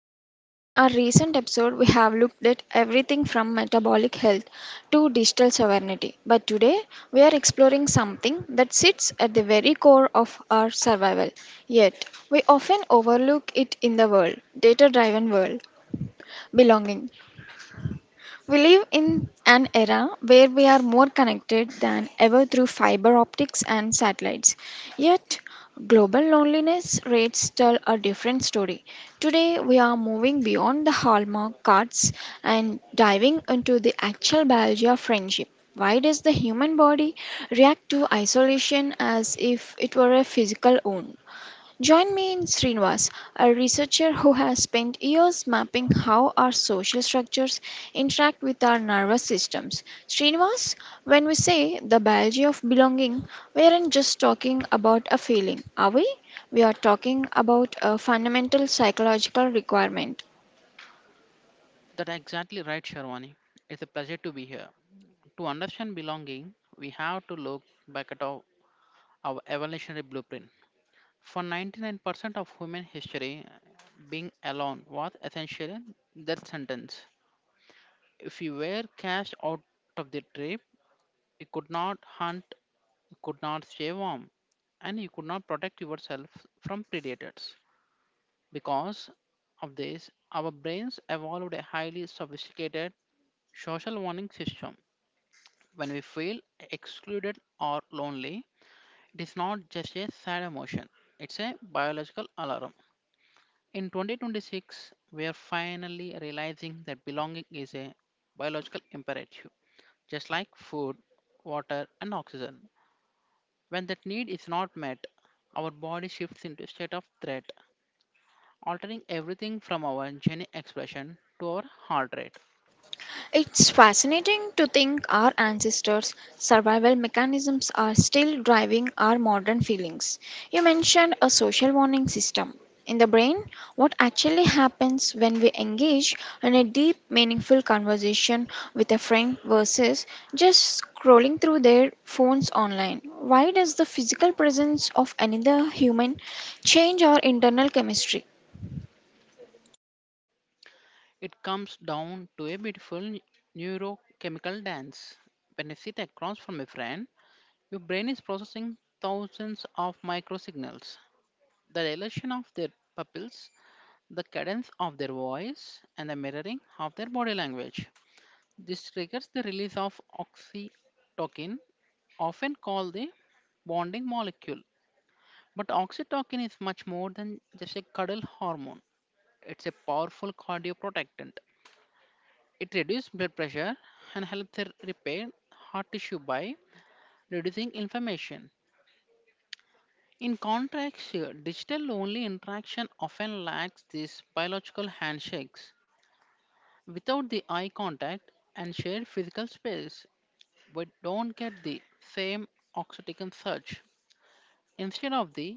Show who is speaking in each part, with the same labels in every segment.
Speaker 1: Sherwani. In our recent episode, we have looked at everything from metabolic health to digital sovereignty. But today, we are exploring something that sits at the very core of our survival. Yet, we often overlook it in the world, data driven world belonging. We live in an era where we are more connected than ever through fiber optics and satellites. Yet, global loneliness rates tell a different story. Today, we are moving beyond the hallmark cards and diving into the actual biology of friendship. Why does the human body react to isolation as if it were a physical wound? Join me in Srinivas, a researcher who has spent years mapping how our social structures interact with our nervous systems. Srinivas, when we say the biology of belonging, we aren't just talking about a feeling, are we? We are talking about a fundamental psychological requirement.
Speaker 2: That's exactly right, Sharwani. It's a pleasure to be here. To understand belonging, we have to look back at our evolutionary blueprint. For 99% of human history, being alone was essentially that sentence. If you were cast out of the tribe, you could not hunt, you could not stay warm, and you could not protect yourself from predators. Because of this, our brains evolved a highly sophisticated social warning system. When we feel excluded or lonely, it is not just a sad emotion, it's a biological alarm. In 2026, we are finally realizing that belonging is a biological imperative, just like food, water, and oxygen. When that need is not met, our body shifts into a state of threat, altering everything from our gene expression to our heart rate.
Speaker 1: It's fascinating to think our ancestors' survival mechanisms are still driving our modern feelings. You mentioned a social warning system. In the brain, what actually happens when we engage in a deep, meaningful conversation with a friend versus just scrolling through their phones online? Why does the physical presence of another human change our internal chemistry?
Speaker 2: It comes down to a beautiful neurochemical dance. When you sit across from a friend, your brain is processing thousands of microsignals. The dilation of their pupils, the cadence of their voice, and the mirroring of their body language. This triggers the release of oxytocin, often called the bonding molecule. But oxytocin is much more than just a cuddle hormone. It's a powerful cardioprotectant. It reduces blood pressure and helps repair heart tissue by reducing inflammation. In contrast, here, digital only interaction often lacks these biological handshakes. Without the eye contact and shared physical space, we don't get the same oxytocin surge. Instead of the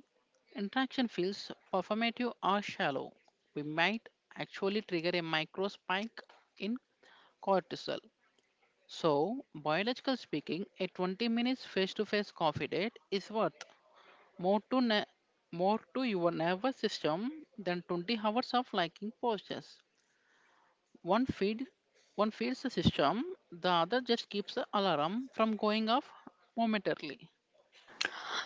Speaker 2: interaction feels performative or shallow, we might actually trigger a micro spike in cortisol. So, biological speaking, a 20 minutes face-to-face coffee date is worth more to ne- more to your nervous system than 20 hours of liking postures. One feed one feeds the system, the other just keeps the alarm from going off momentarily.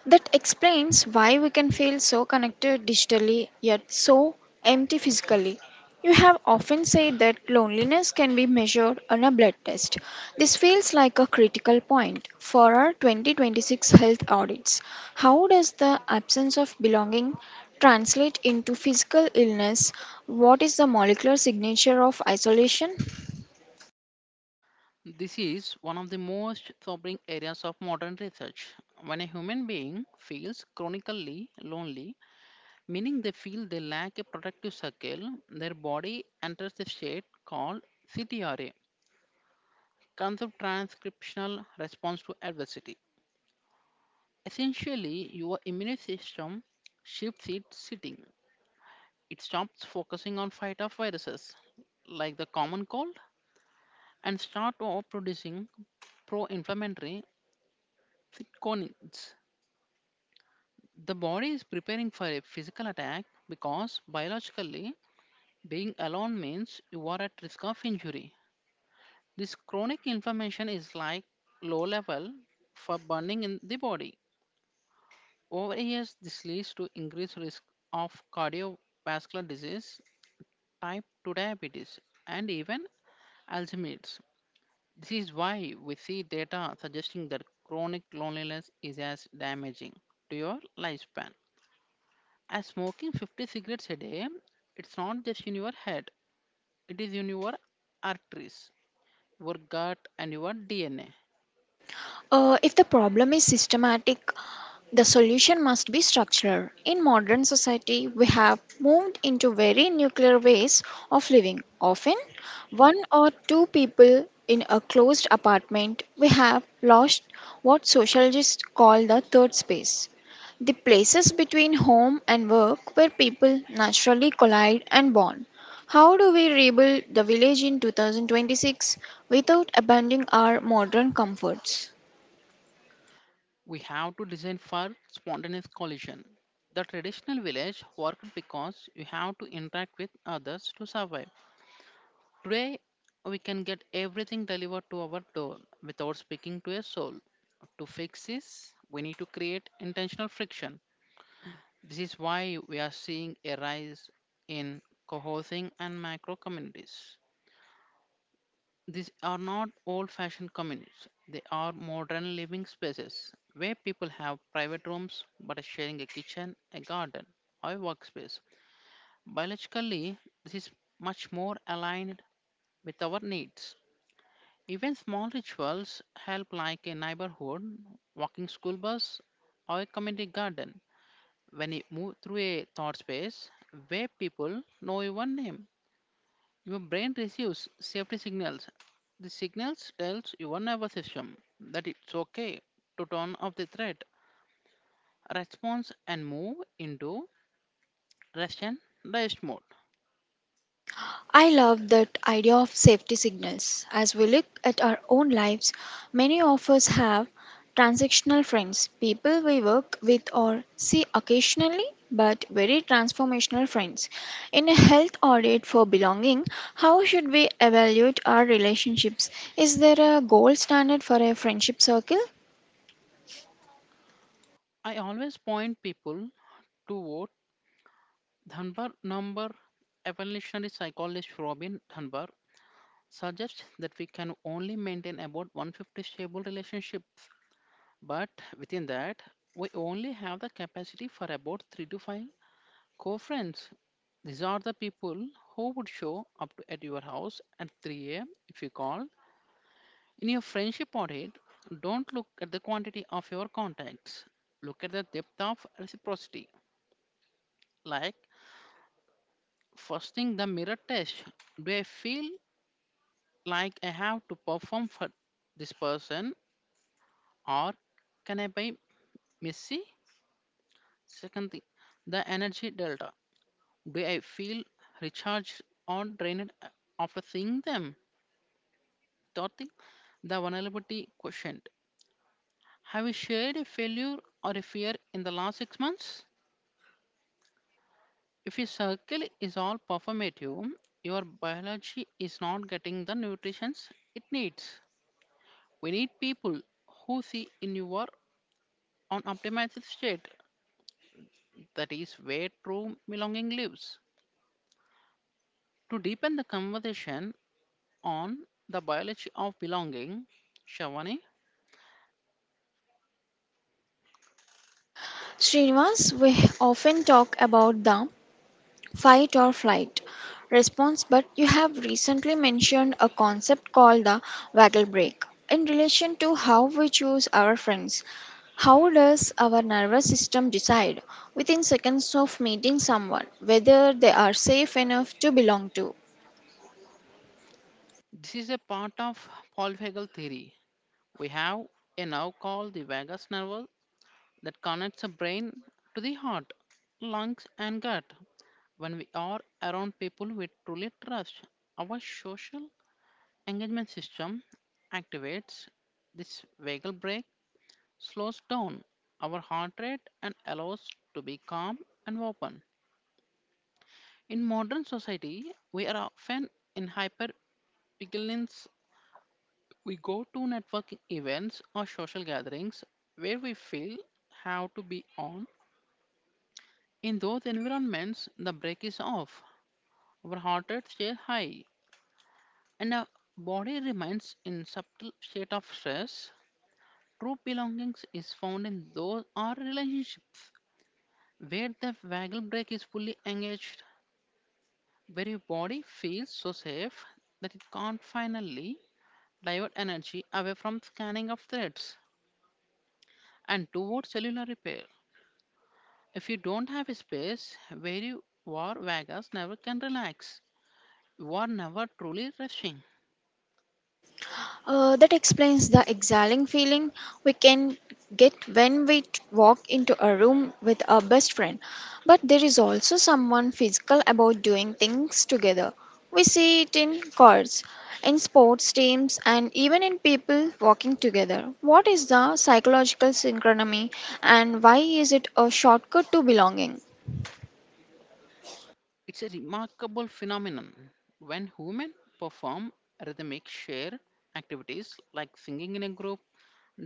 Speaker 1: That explains why we can feel so connected digitally yet so empty physically. You have often said that loneliness can be measured on a blood test. This feels like a critical point for our 2026 health audits. How does the absence of belonging translate into physical illness? What is the molecular signature of isolation?
Speaker 2: This is one of the most sobering areas of modern research. When a human being feels chronically lonely, meaning they feel they lack a protective circle. Their body enters a state called CTRA, concept transcriptional response to adversity. Essentially, your immune system shifts its sitting. It stops focusing on fight off viruses like the common cold and start off producing pro-inflammatory cytokinins. The body is preparing for a physical attack because biologically being alone means you are at risk of injury. This chronic inflammation is like low level for burning in the body. Over years, this leads to increased risk of cardiovascular disease, type 2 diabetes, and even Alzheimer's. This is why we see data suggesting that chronic loneliness is as damaging to your lifespan. As smoking 50 cigarettes a day, it's not just in your head, it is in your arteries, your gut, and your DNA.
Speaker 1: If the problem is systematic, the solution must be structural. In modern society, we have moved into very nuclear ways of living. Often, one or two people in a closed apartment, we have lost what sociologists call the third space. The places between home and work where people naturally collide and bond. How do we rebuild the village in 2026 without abandoning our modern comforts?
Speaker 2: We have to design for spontaneous collision. The traditional village worked because you have to interact with others to survive. Today, we can get everything delivered to our door without speaking to a soul. To fix this, we need to create intentional friction. This is why we are seeing a rise in cohousing and macro communities. These are not old fashioned communities, they are modern living spaces where people have private rooms but are sharing a kitchen, a garden, or a workspace. Biologically, this is much more aligned with our needs. Even small rituals help, like a neighborhood, walking school bus, or a community garden. When you move through a thought space where people know your name, your brain receives safety signals. The signals tells your nervous system that it's okay to turn off the threat response and move into rest and digest mode.
Speaker 1: I love that idea of safety signals. As we look at our own lives, many of us have transactional friends, people we work with or see occasionally, but very transformational friends. In a health audit for belonging, how should we evaluate our relationships? Is there a gold standard for a friendship circle?
Speaker 2: I always point people to what Dunbar number evolutionary psychologist Robin Dunbar suggests that we can only maintain about 150 stable relationships, but within that, we only have the capacity for about 3 to 5 Co friends, these are the people who would show at your house at 3 a.m. if you called. In your friendship audit, don't look at the quantity of your contacts, look at the depth of reciprocity. Like, first thing, the mirror test. Do I feel like I have to perform for this person or can I be messy? Second thing, the energy delta. Do I feel recharged or drained after seeing them? Dorothy, the vulnerability quotient. Have you shared a failure or a fear in the last 6 months? If your circle is all performative, your biology is not getting the nutrition it needs. We need people who see in you are on optimized state. That is where true belonging lives. To deepen the conversation on the biology of belonging, Shavani,
Speaker 1: Srinivas, we often talk about the fight or flight response, but you have recently mentioned a concept called the waggle break in relation to how we choose our friends. How does our nervous system decide within seconds of meeting someone whether they are safe enough to belong to?
Speaker 2: this is a part of Paul Feigl theory. We have a nerve called the vagus nerve that connects the brain to the heart, lungs, and gut. When we are around people we truly trust, our social engagement system activates. This vagal break slows down our heart rate and allows to be calm and open. In modern society, we are often in hypervigilance. We go to networking events or social gatherings where we feel have to be on. In those environments, the brake is off, our heart rate stays high, and our body remains in subtle state of stress. True belongings is found in those or relationships where the waggle brake is fully engaged, where your body feels so safe that it can't finally divert energy away from scanning of threats and towards cellular repair. If you don't have a space where you war Vegas never can relax, you are never truly resting.
Speaker 1: That explains the exhaling feeling we can get when walk into a room with our best friend. But there is also someone physical about doing things together. We see it in cars, in sports teams, and even in people walking together. What is the psychological synchrony and why is it a shortcut to belonging?
Speaker 2: It's a remarkable phenomenon. When women perform rhythmic share activities like singing in a group,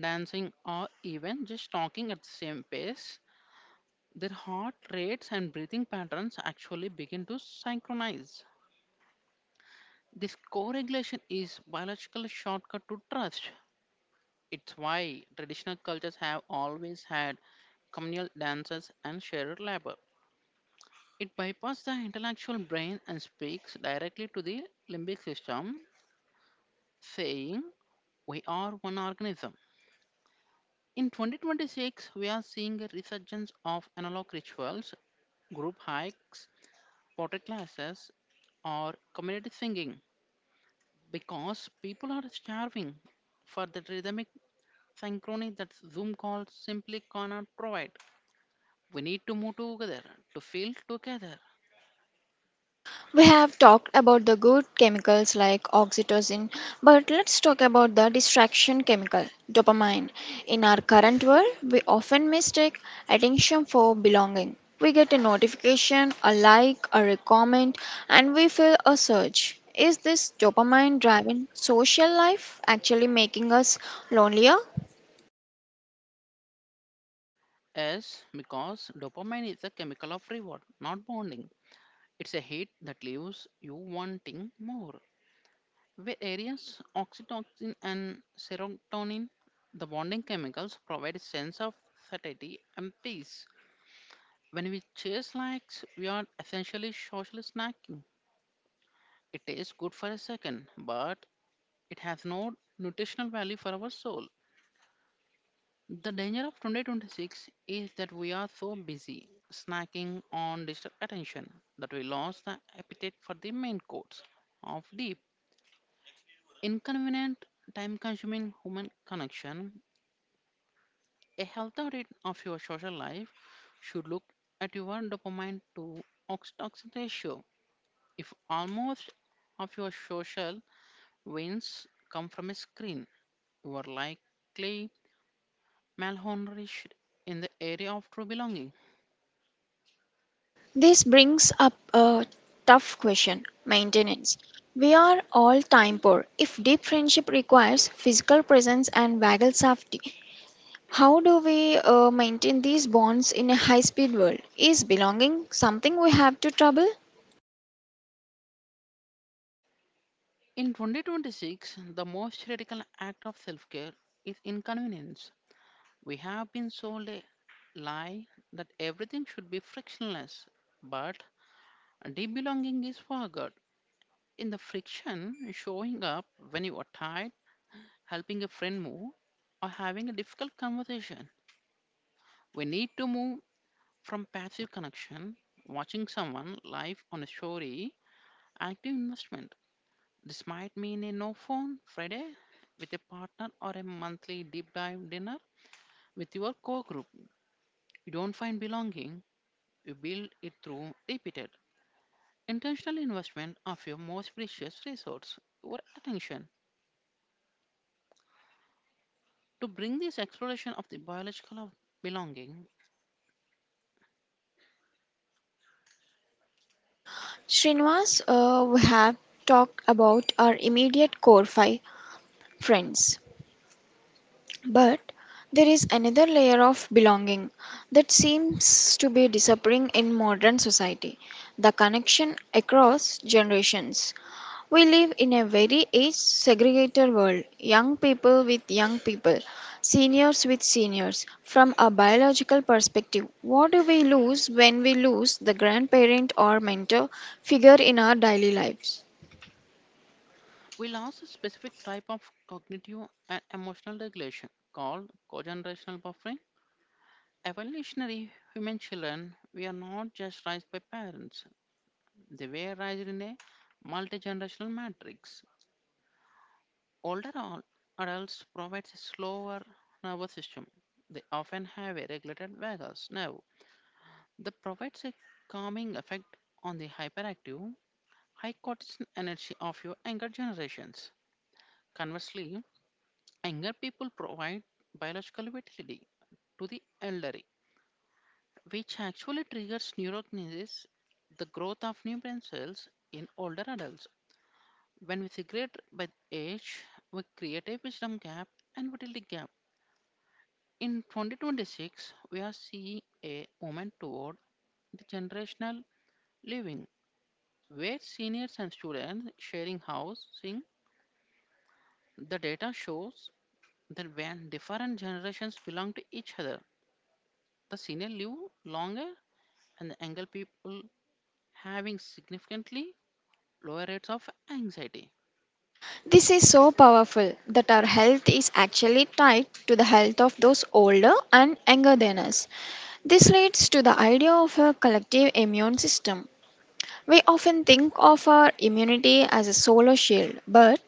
Speaker 2: dancing, or even just talking at the same pace, their heart rates and breathing patterns actually begin to synchronize. This co regulation is biological shortcut to trust. It's why traditional cultures have always had communal dances and shared labor. It bypasses the intellectual brain and speaks directly to the limbic system, saying, we are one organism. In 2026, we are seeing a resurgence of analog rituals, group hikes, pottery classes, or community singing because people are starving for that rhythmic synchrony that Zoom calls simply cannot provide. We need to move together, to feel together.
Speaker 1: We have talked about the good chemicals like oxytocin, but let's talk about the distraction chemical, dopamine. In our current world, we often mistake attention for belonging. We get a notification, a like, or a comment, and we feel a surge. Is this dopamine driven social life actually making us lonelier?
Speaker 2: As because dopamine is a chemical of reward, not bonding. It's a hit that leaves you wanting more. Where areas oxytocin and serotonin, the bonding chemicals, provide a sense of satiety and peace. When we chase likes, we are essentially social snacking. It tastes good for a second, but it has no nutritional value for our soul. The danger of 2026 is that we are so busy snacking on digital attention that we lost the appetite for the main course of deep, inconvenient, time consuming human connection. A healthy audit of your social life should look at your dopamine to oxytocin ratio. If almost of your social wins come from a screen, you are likely malnourished in the area of true belonging.
Speaker 1: This brings up a tough question maintenance. We are all time poor. If deep friendship requires physical presence and vagal safety, how do we maintain these bonds in a high speed world? Is belonging something we have to trouble?
Speaker 2: In 2026, the most radical act of self care is inconvenience. We have been sold a lie that everything should be frictionless, but deep belonging is forgot. In the friction, showing up when you are tired, helping a friend move, or having a difficult conversation, we need to move from passive connection, watching someone live on a story, active investment. This might mean a no phone Friday with a partner or a monthly deep dive dinner with your core group. You don't find belonging, you build it through repeated, intentional investment of your most precious resource, your attention. To bring this exploration of the biological of belonging,
Speaker 1: Srinivas, we have talked about our immediate core five friends. But there is another layer of belonging that seems to be disappearing in modern society, the connection across generations. We live in a very age segregated world, young people with young people, seniors with seniors. From a biological perspective, what do we lose when we lose the grandparent or mentor figure in our daily lives?
Speaker 2: we'll ask a specific type of cognitive and emotional regulation called cogenerational buffering. Evolutionary human children, we are not just raised by parents, they were raised in a multi generational matrix. Older adults provide a slower nervous system. They often have a regulated vagus nerve that provides a calming effect on the hyperactive, high cortisol energy of your younger generations. Conversely, younger people provide biological vitality to the elderly, which actually triggers neurogenesis, the growth of new brain cells in older adults. When we segregate by age, we create a wisdom gap and fertility gap. In 2026, we are seeing a movement toward the generational living, where seniors and students sharing housing. The data shows that when different generations belong to each other, the senior live longer and the younger people having significantly lower rates of anxiety.
Speaker 1: This is so powerful that our health is actually tied to the health of those older and younger than us. This leads to the idea of a collective immune system. We often think of our immunity as a solo shield, but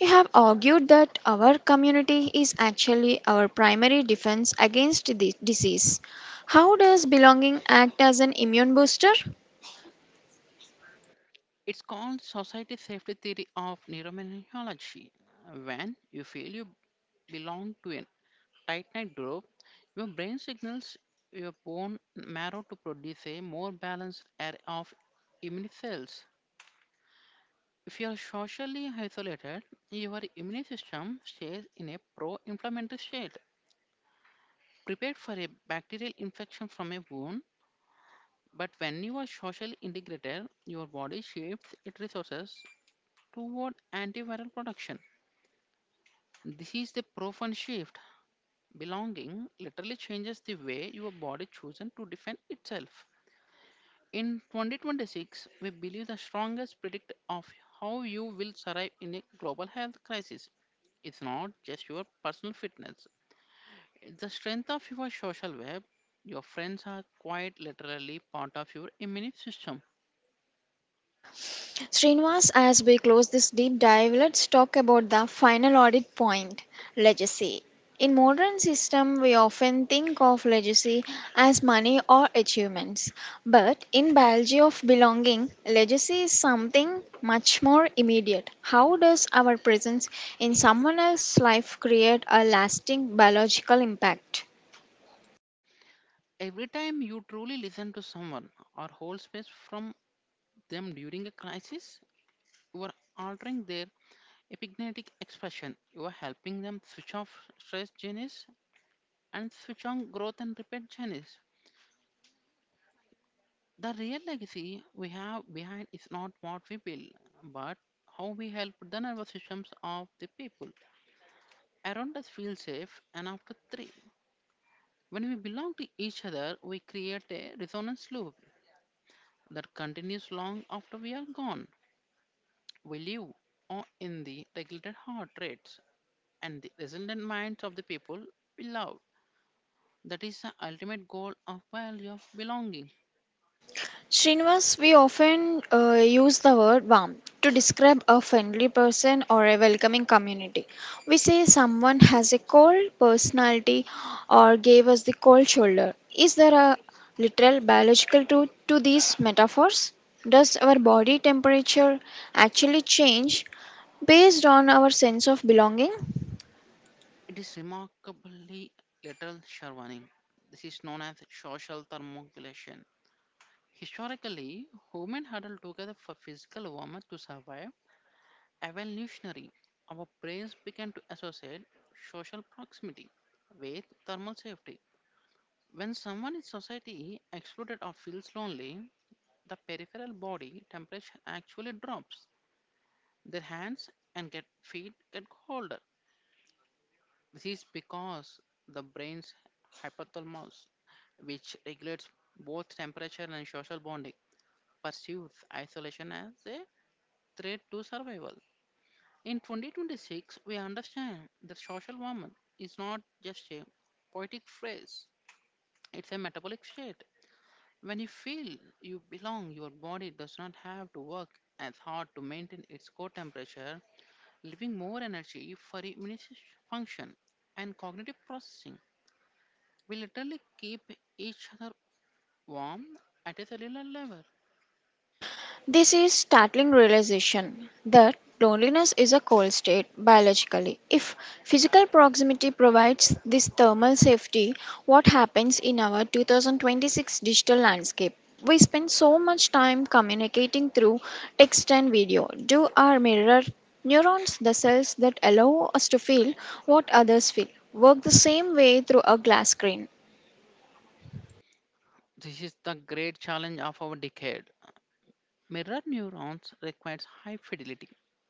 Speaker 1: you have argued that our community is actually our primary defense against the disease. How does belonging act as an immune booster?
Speaker 2: It's called Society Safety Theory of Neuroimmunology. When you feel you belong to a tight knit group, your brain signals your bone marrow to produce a more balanced array of immune cells. If you are socially isolated, your immune system stays in a pro inflammatory state, prepared for a bacterial infection from a wound. But when you are socially integrated, your body shifts its resources toward antiviral production. This is the profound shift. Belonging literally changes the way your body chooses to defend itself. In 2026, we believe the strongest predictor of how you will survive in a global health crisis is not just your personal fitness, it's the strength of your social web. Your friends are quite literally part of your immune system.
Speaker 1: Srinivas, as we close this deep dive, let's talk about the final audit point, legacy. In modern system, we often think of legacy as money or achievements. But in biology of belonging, legacy is something much more immediate. How does our presence in someone else's life create a lasting biological impact?
Speaker 2: Every time you truly listen to someone or hold space from them during a crisis, you are altering their epigenetic expression. You are helping them switch off stress genes and switch on growth and repair genes. The real legacy we have behind is not what we build, but how we help the nervous systems of the people around us feel safe and after three. When we belong to each other, we create a resonance loop that continues long after we are gone. We live or in the regulated heart rates and the resilient minds of the people we love. That is the ultimate goal of biology of belonging.
Speaker 1: Srinivas, we often use the word warm to describe a friendly person or a welcoming community. We say someone has a cold personality or gave us the cold shoulder. Is there a literal biological truth to these metaphors? Does our body temperature actually change based on our sense of belonging?
Speaker 2: It is remarkably little, Sharwani. This is known as social thermoregulation. Historically, humans huddled together for physical warmth to survive. Evolutionary, our brains began to associate social proximity with thermal safety. When someone in society excluded or feels lonely, the peripheral body temperature actually drops. Their hands and get feet get cold. This is because the brain's hypothalamus, which regulates both temperature and social bonding, perceives isolation as a threat to survival. In 2026, we understand that social warmth is not just a poetic phrase, it's a metabolic state. When you feel you belong, your body does not have to work as hard to maintain its core temperature, leaving more energy for immunization function and cognitive processing. We literally keep each other warm at a cellular level.
Speaker 1: This is startling realization that loneliness is a cold state biologically. If physical proximity provides this thermal safety, what happens in our 2026 digital landscape? We spend so much time communicating through text and video. Do our mirror neurons, the cells that allow us to feel what others feel, work the same way through a glass screen?
Speaker 2: This is the great challenge of our decade. Mirror neurons requires high fidelity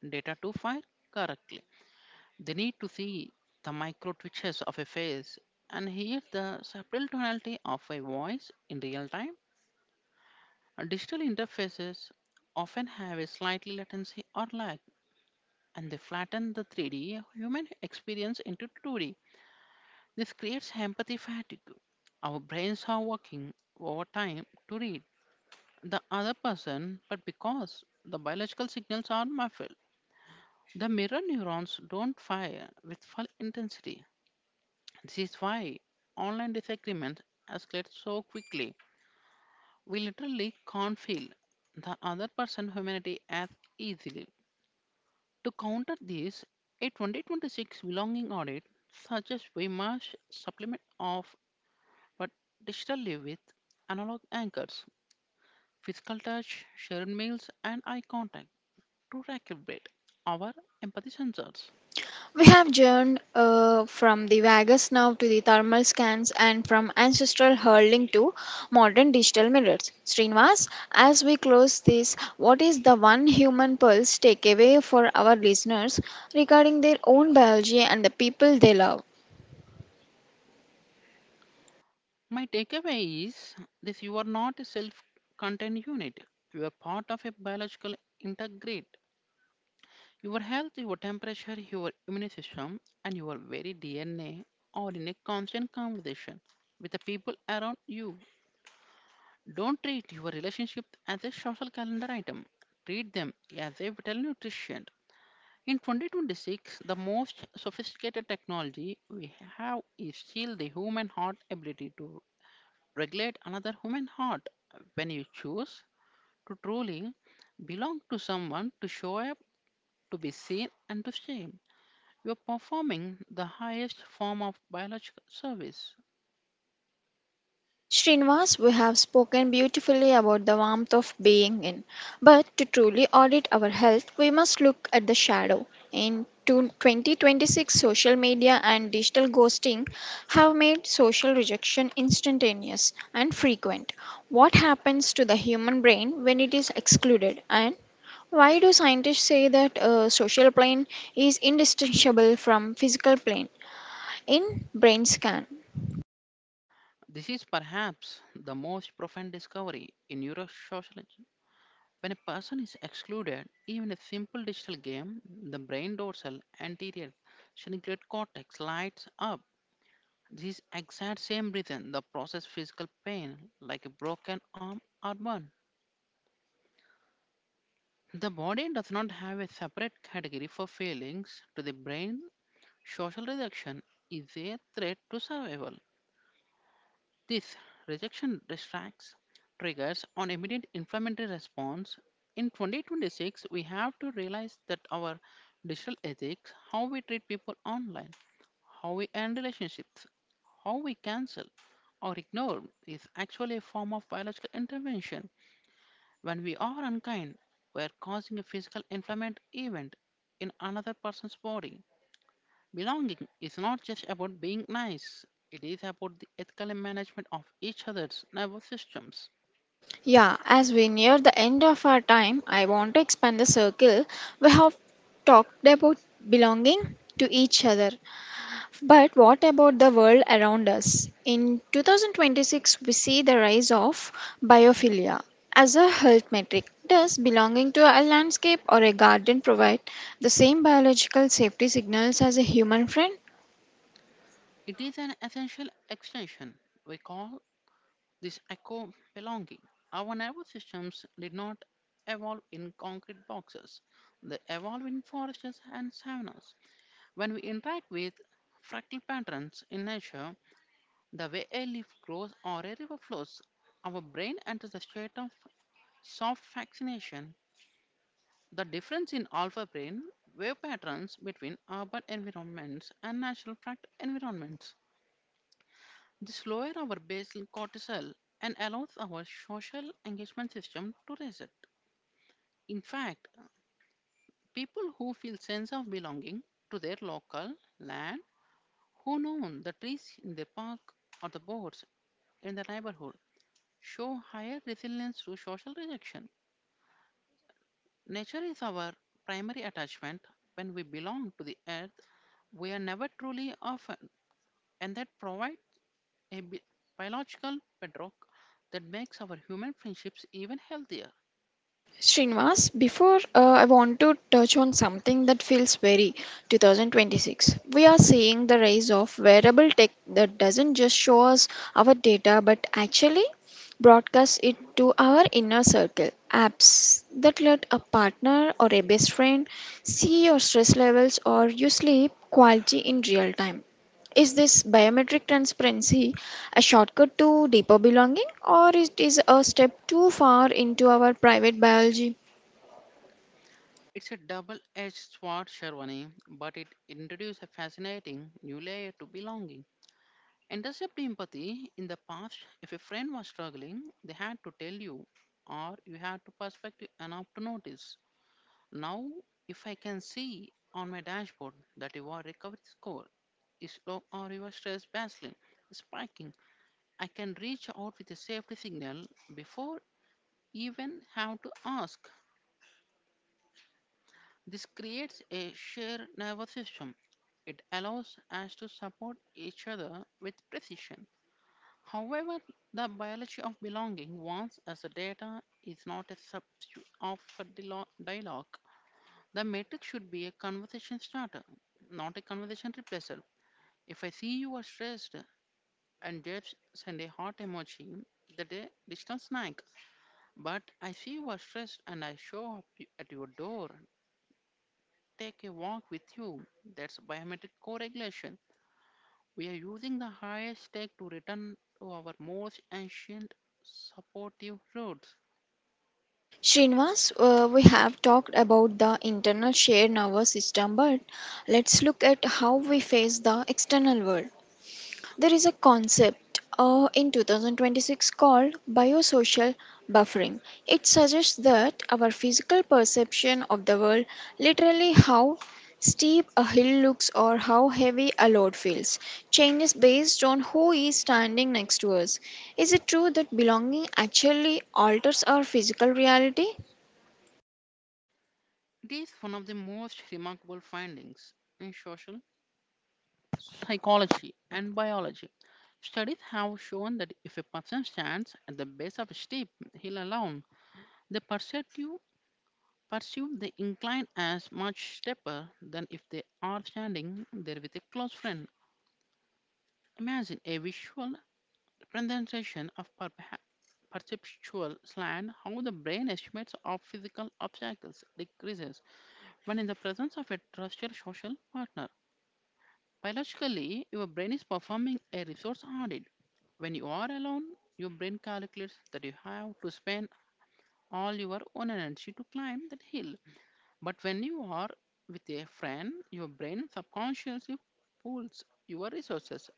Speaker 2: data to fire correctly. They need to see the micro twitches of a face and hear the subtle tonality of a voice in real time. Digital interfaces often have a slightly latency or lag, and they flatten the 3D human experience into 2D. This creates empathy fatigue. Our brains are working overtime to read the other person, but because the biological signals are muffled, the mirror neurons don't fire with full intensity. This is why online disagreements escalate so quickly. We literally can't feel the other person's humanity as easily. To counter this, a 2026 belonging audit suggests we must supplement our but digitally with analog anchors, physical touch, shared meals, and eye contact to recalibrate our empathy sensors.
Speaker 1: We have journeyed from the vagus now to the thermal scans and from ancestral hurling to modern digital mirrors. Srinivas, as we close this, what is the one human pulse takeaway for our listeners regarding their own biology and the people they love?
Speaker 2: My takeaway is this: you are not a self contained unit, you are part of a biological integrate. Your health, your temperature, your immune system, and your very DNA are in a constant conversation with the people around you. Don't treat your relationship as a social calendar item. Treat them as a vital nutrition. In 2026, the most sophisticated technology we have is still the human heart ability to regulate another human heart. When you choose to truly belong to someone, to show up, to be seen, and to stay, you are performing the highest form of biological service.
Speaker 1: Srinivas, we have spoken beautifully about the warmth of being in. But to truly audit our health, we must look at the shadow. In 2026, social media and digital ghosting have made social rejection instantaneous and frequent. What happens to the human brain when it is excluded? And why do scientists say that a social plane is indistinguishable from physical plane in brain scan?
Speaker 2: This is perhaps the most profound discovery in neurosociology. When a person is excluded, even a simple digital game, the brain dorsal anterior cingulate cortex lights up. This exact same reason the process physical pain like a broken arm or burn. The body does not have a separate category for feelings. To the brain, social rejection is a threat to survival. This rejection distracts triggers on immediate inflammatory response. In 2026, we have to realize that our digital ethics, how we treat people online, how we end relationships, how we cancel or ignore, is actually a form of biological intervention. When we are unkind, we are causing a physical inflammatory event in another person's body. Belonging is not just about being nice, it is about the ethical management of each other's nervous systems.
Speaker 1: Yeah, as we near the end of our time, I want to expand the circle. We have talked about belonging to each other, but what about the world around us? In 2026, we see the rise of biophilia as a health metric. Does belonging to a landscape or a garden provide the same biological safety signals as a human friend?
Speaker 2: It is an essential extension. We call this eco belonging. Our nervous systems did not evolve in concrete boxes, they evolved in forests and savannas. When we interact with fractal patterns in nature, the way a leaf grows or a river flows, our brain enters a state of soft fascination. The difference in alpha brain wave patterns between urban environments and natural environments. This lowers our basal cortisol and allows our social engagement system to reset. In fact, people who feel sense of belonging to their local land, who know the trees in their park or the boards in the neighborhood, show higher resilience to social rejection. Nature is our primary attachment. When we belong to the earth, we are never truly orphan. And that provide a biological bedrock that makes our human friendships even healthier.
Speaker 1: Srinivas, before I want to touch on something that feels very 2026. We are seeing the rise of wearable tech that doesn't just show us our data but actually broadcasts it to our inner circle. Apps that let a partner or a best friend see your stress levels or your sleep quality in real time. Is this biometric transparency a shortcut to deeper belonging or it is a step too far into our private biology?
Speaker 2: It's a double-edged sword, Sharwani, but it introduces a fascinating new layer to belonging. And does have empathy in the past, if a friend was struggling, they had to tell you, or you had to perspective enough to notice. Now, if I can see on my dashboard that your recovery score is low or your stress baseline is spiking, I can reach out with a safety signal before even have to ask. This creates a shared nervous system. It allows us to support each other with precision. However, the biology of belonging wants us the data is not a substitute of a dialogue. The metric should be a conversation starter, not a conversation replacer. If I see you are stressed and just send a heart emoji, that a distant snack. But I see you are stressed and I show up at your door, take a walk with you. That's biometric co-regulation. We are using the highest tech to return to our most ancient supportive roots.
Speaker 1: Srinivas, we have talked about the internal shared nervous system, but let's look at how we face the external world. There is a concept in 2026 called biosocial buffering. It suggests that our physical perception of the world, literally how steep a hill looks or how heavy a load feels, changes based on who is standing next to us. Is it true that belonging actually alters our physical reality?
Speaker 2: It is one of the most remarkable findings in social psychology and biology. Studies have shown that if a person stands at the base of a steep hill alone, they perceive they incline as much steeper than if they are standing there with a close friend. Imagine a visual representation of perceptual slant, how the brain estimates of physical obstacles decreases when in the presence of a trusted social partner. Biologically, your brain is performing a resource audit. When you are alone, your brain calculates that you have to spend all your own energy to climb that hill. But when you are with a friend, your brain subconsciously pools your resources.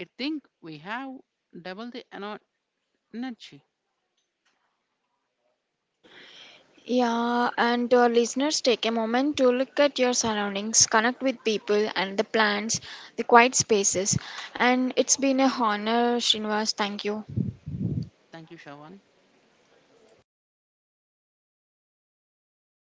Speaker 2: I think we have double the energy.
Speaker 1: Yeah, and to our listeners, take a moment to look at your surroundings, connect with people and the plants, the quiet spaces. And it's been a honor, Srinivas. Thank you.
Speaker 2: Thank you, Shawan.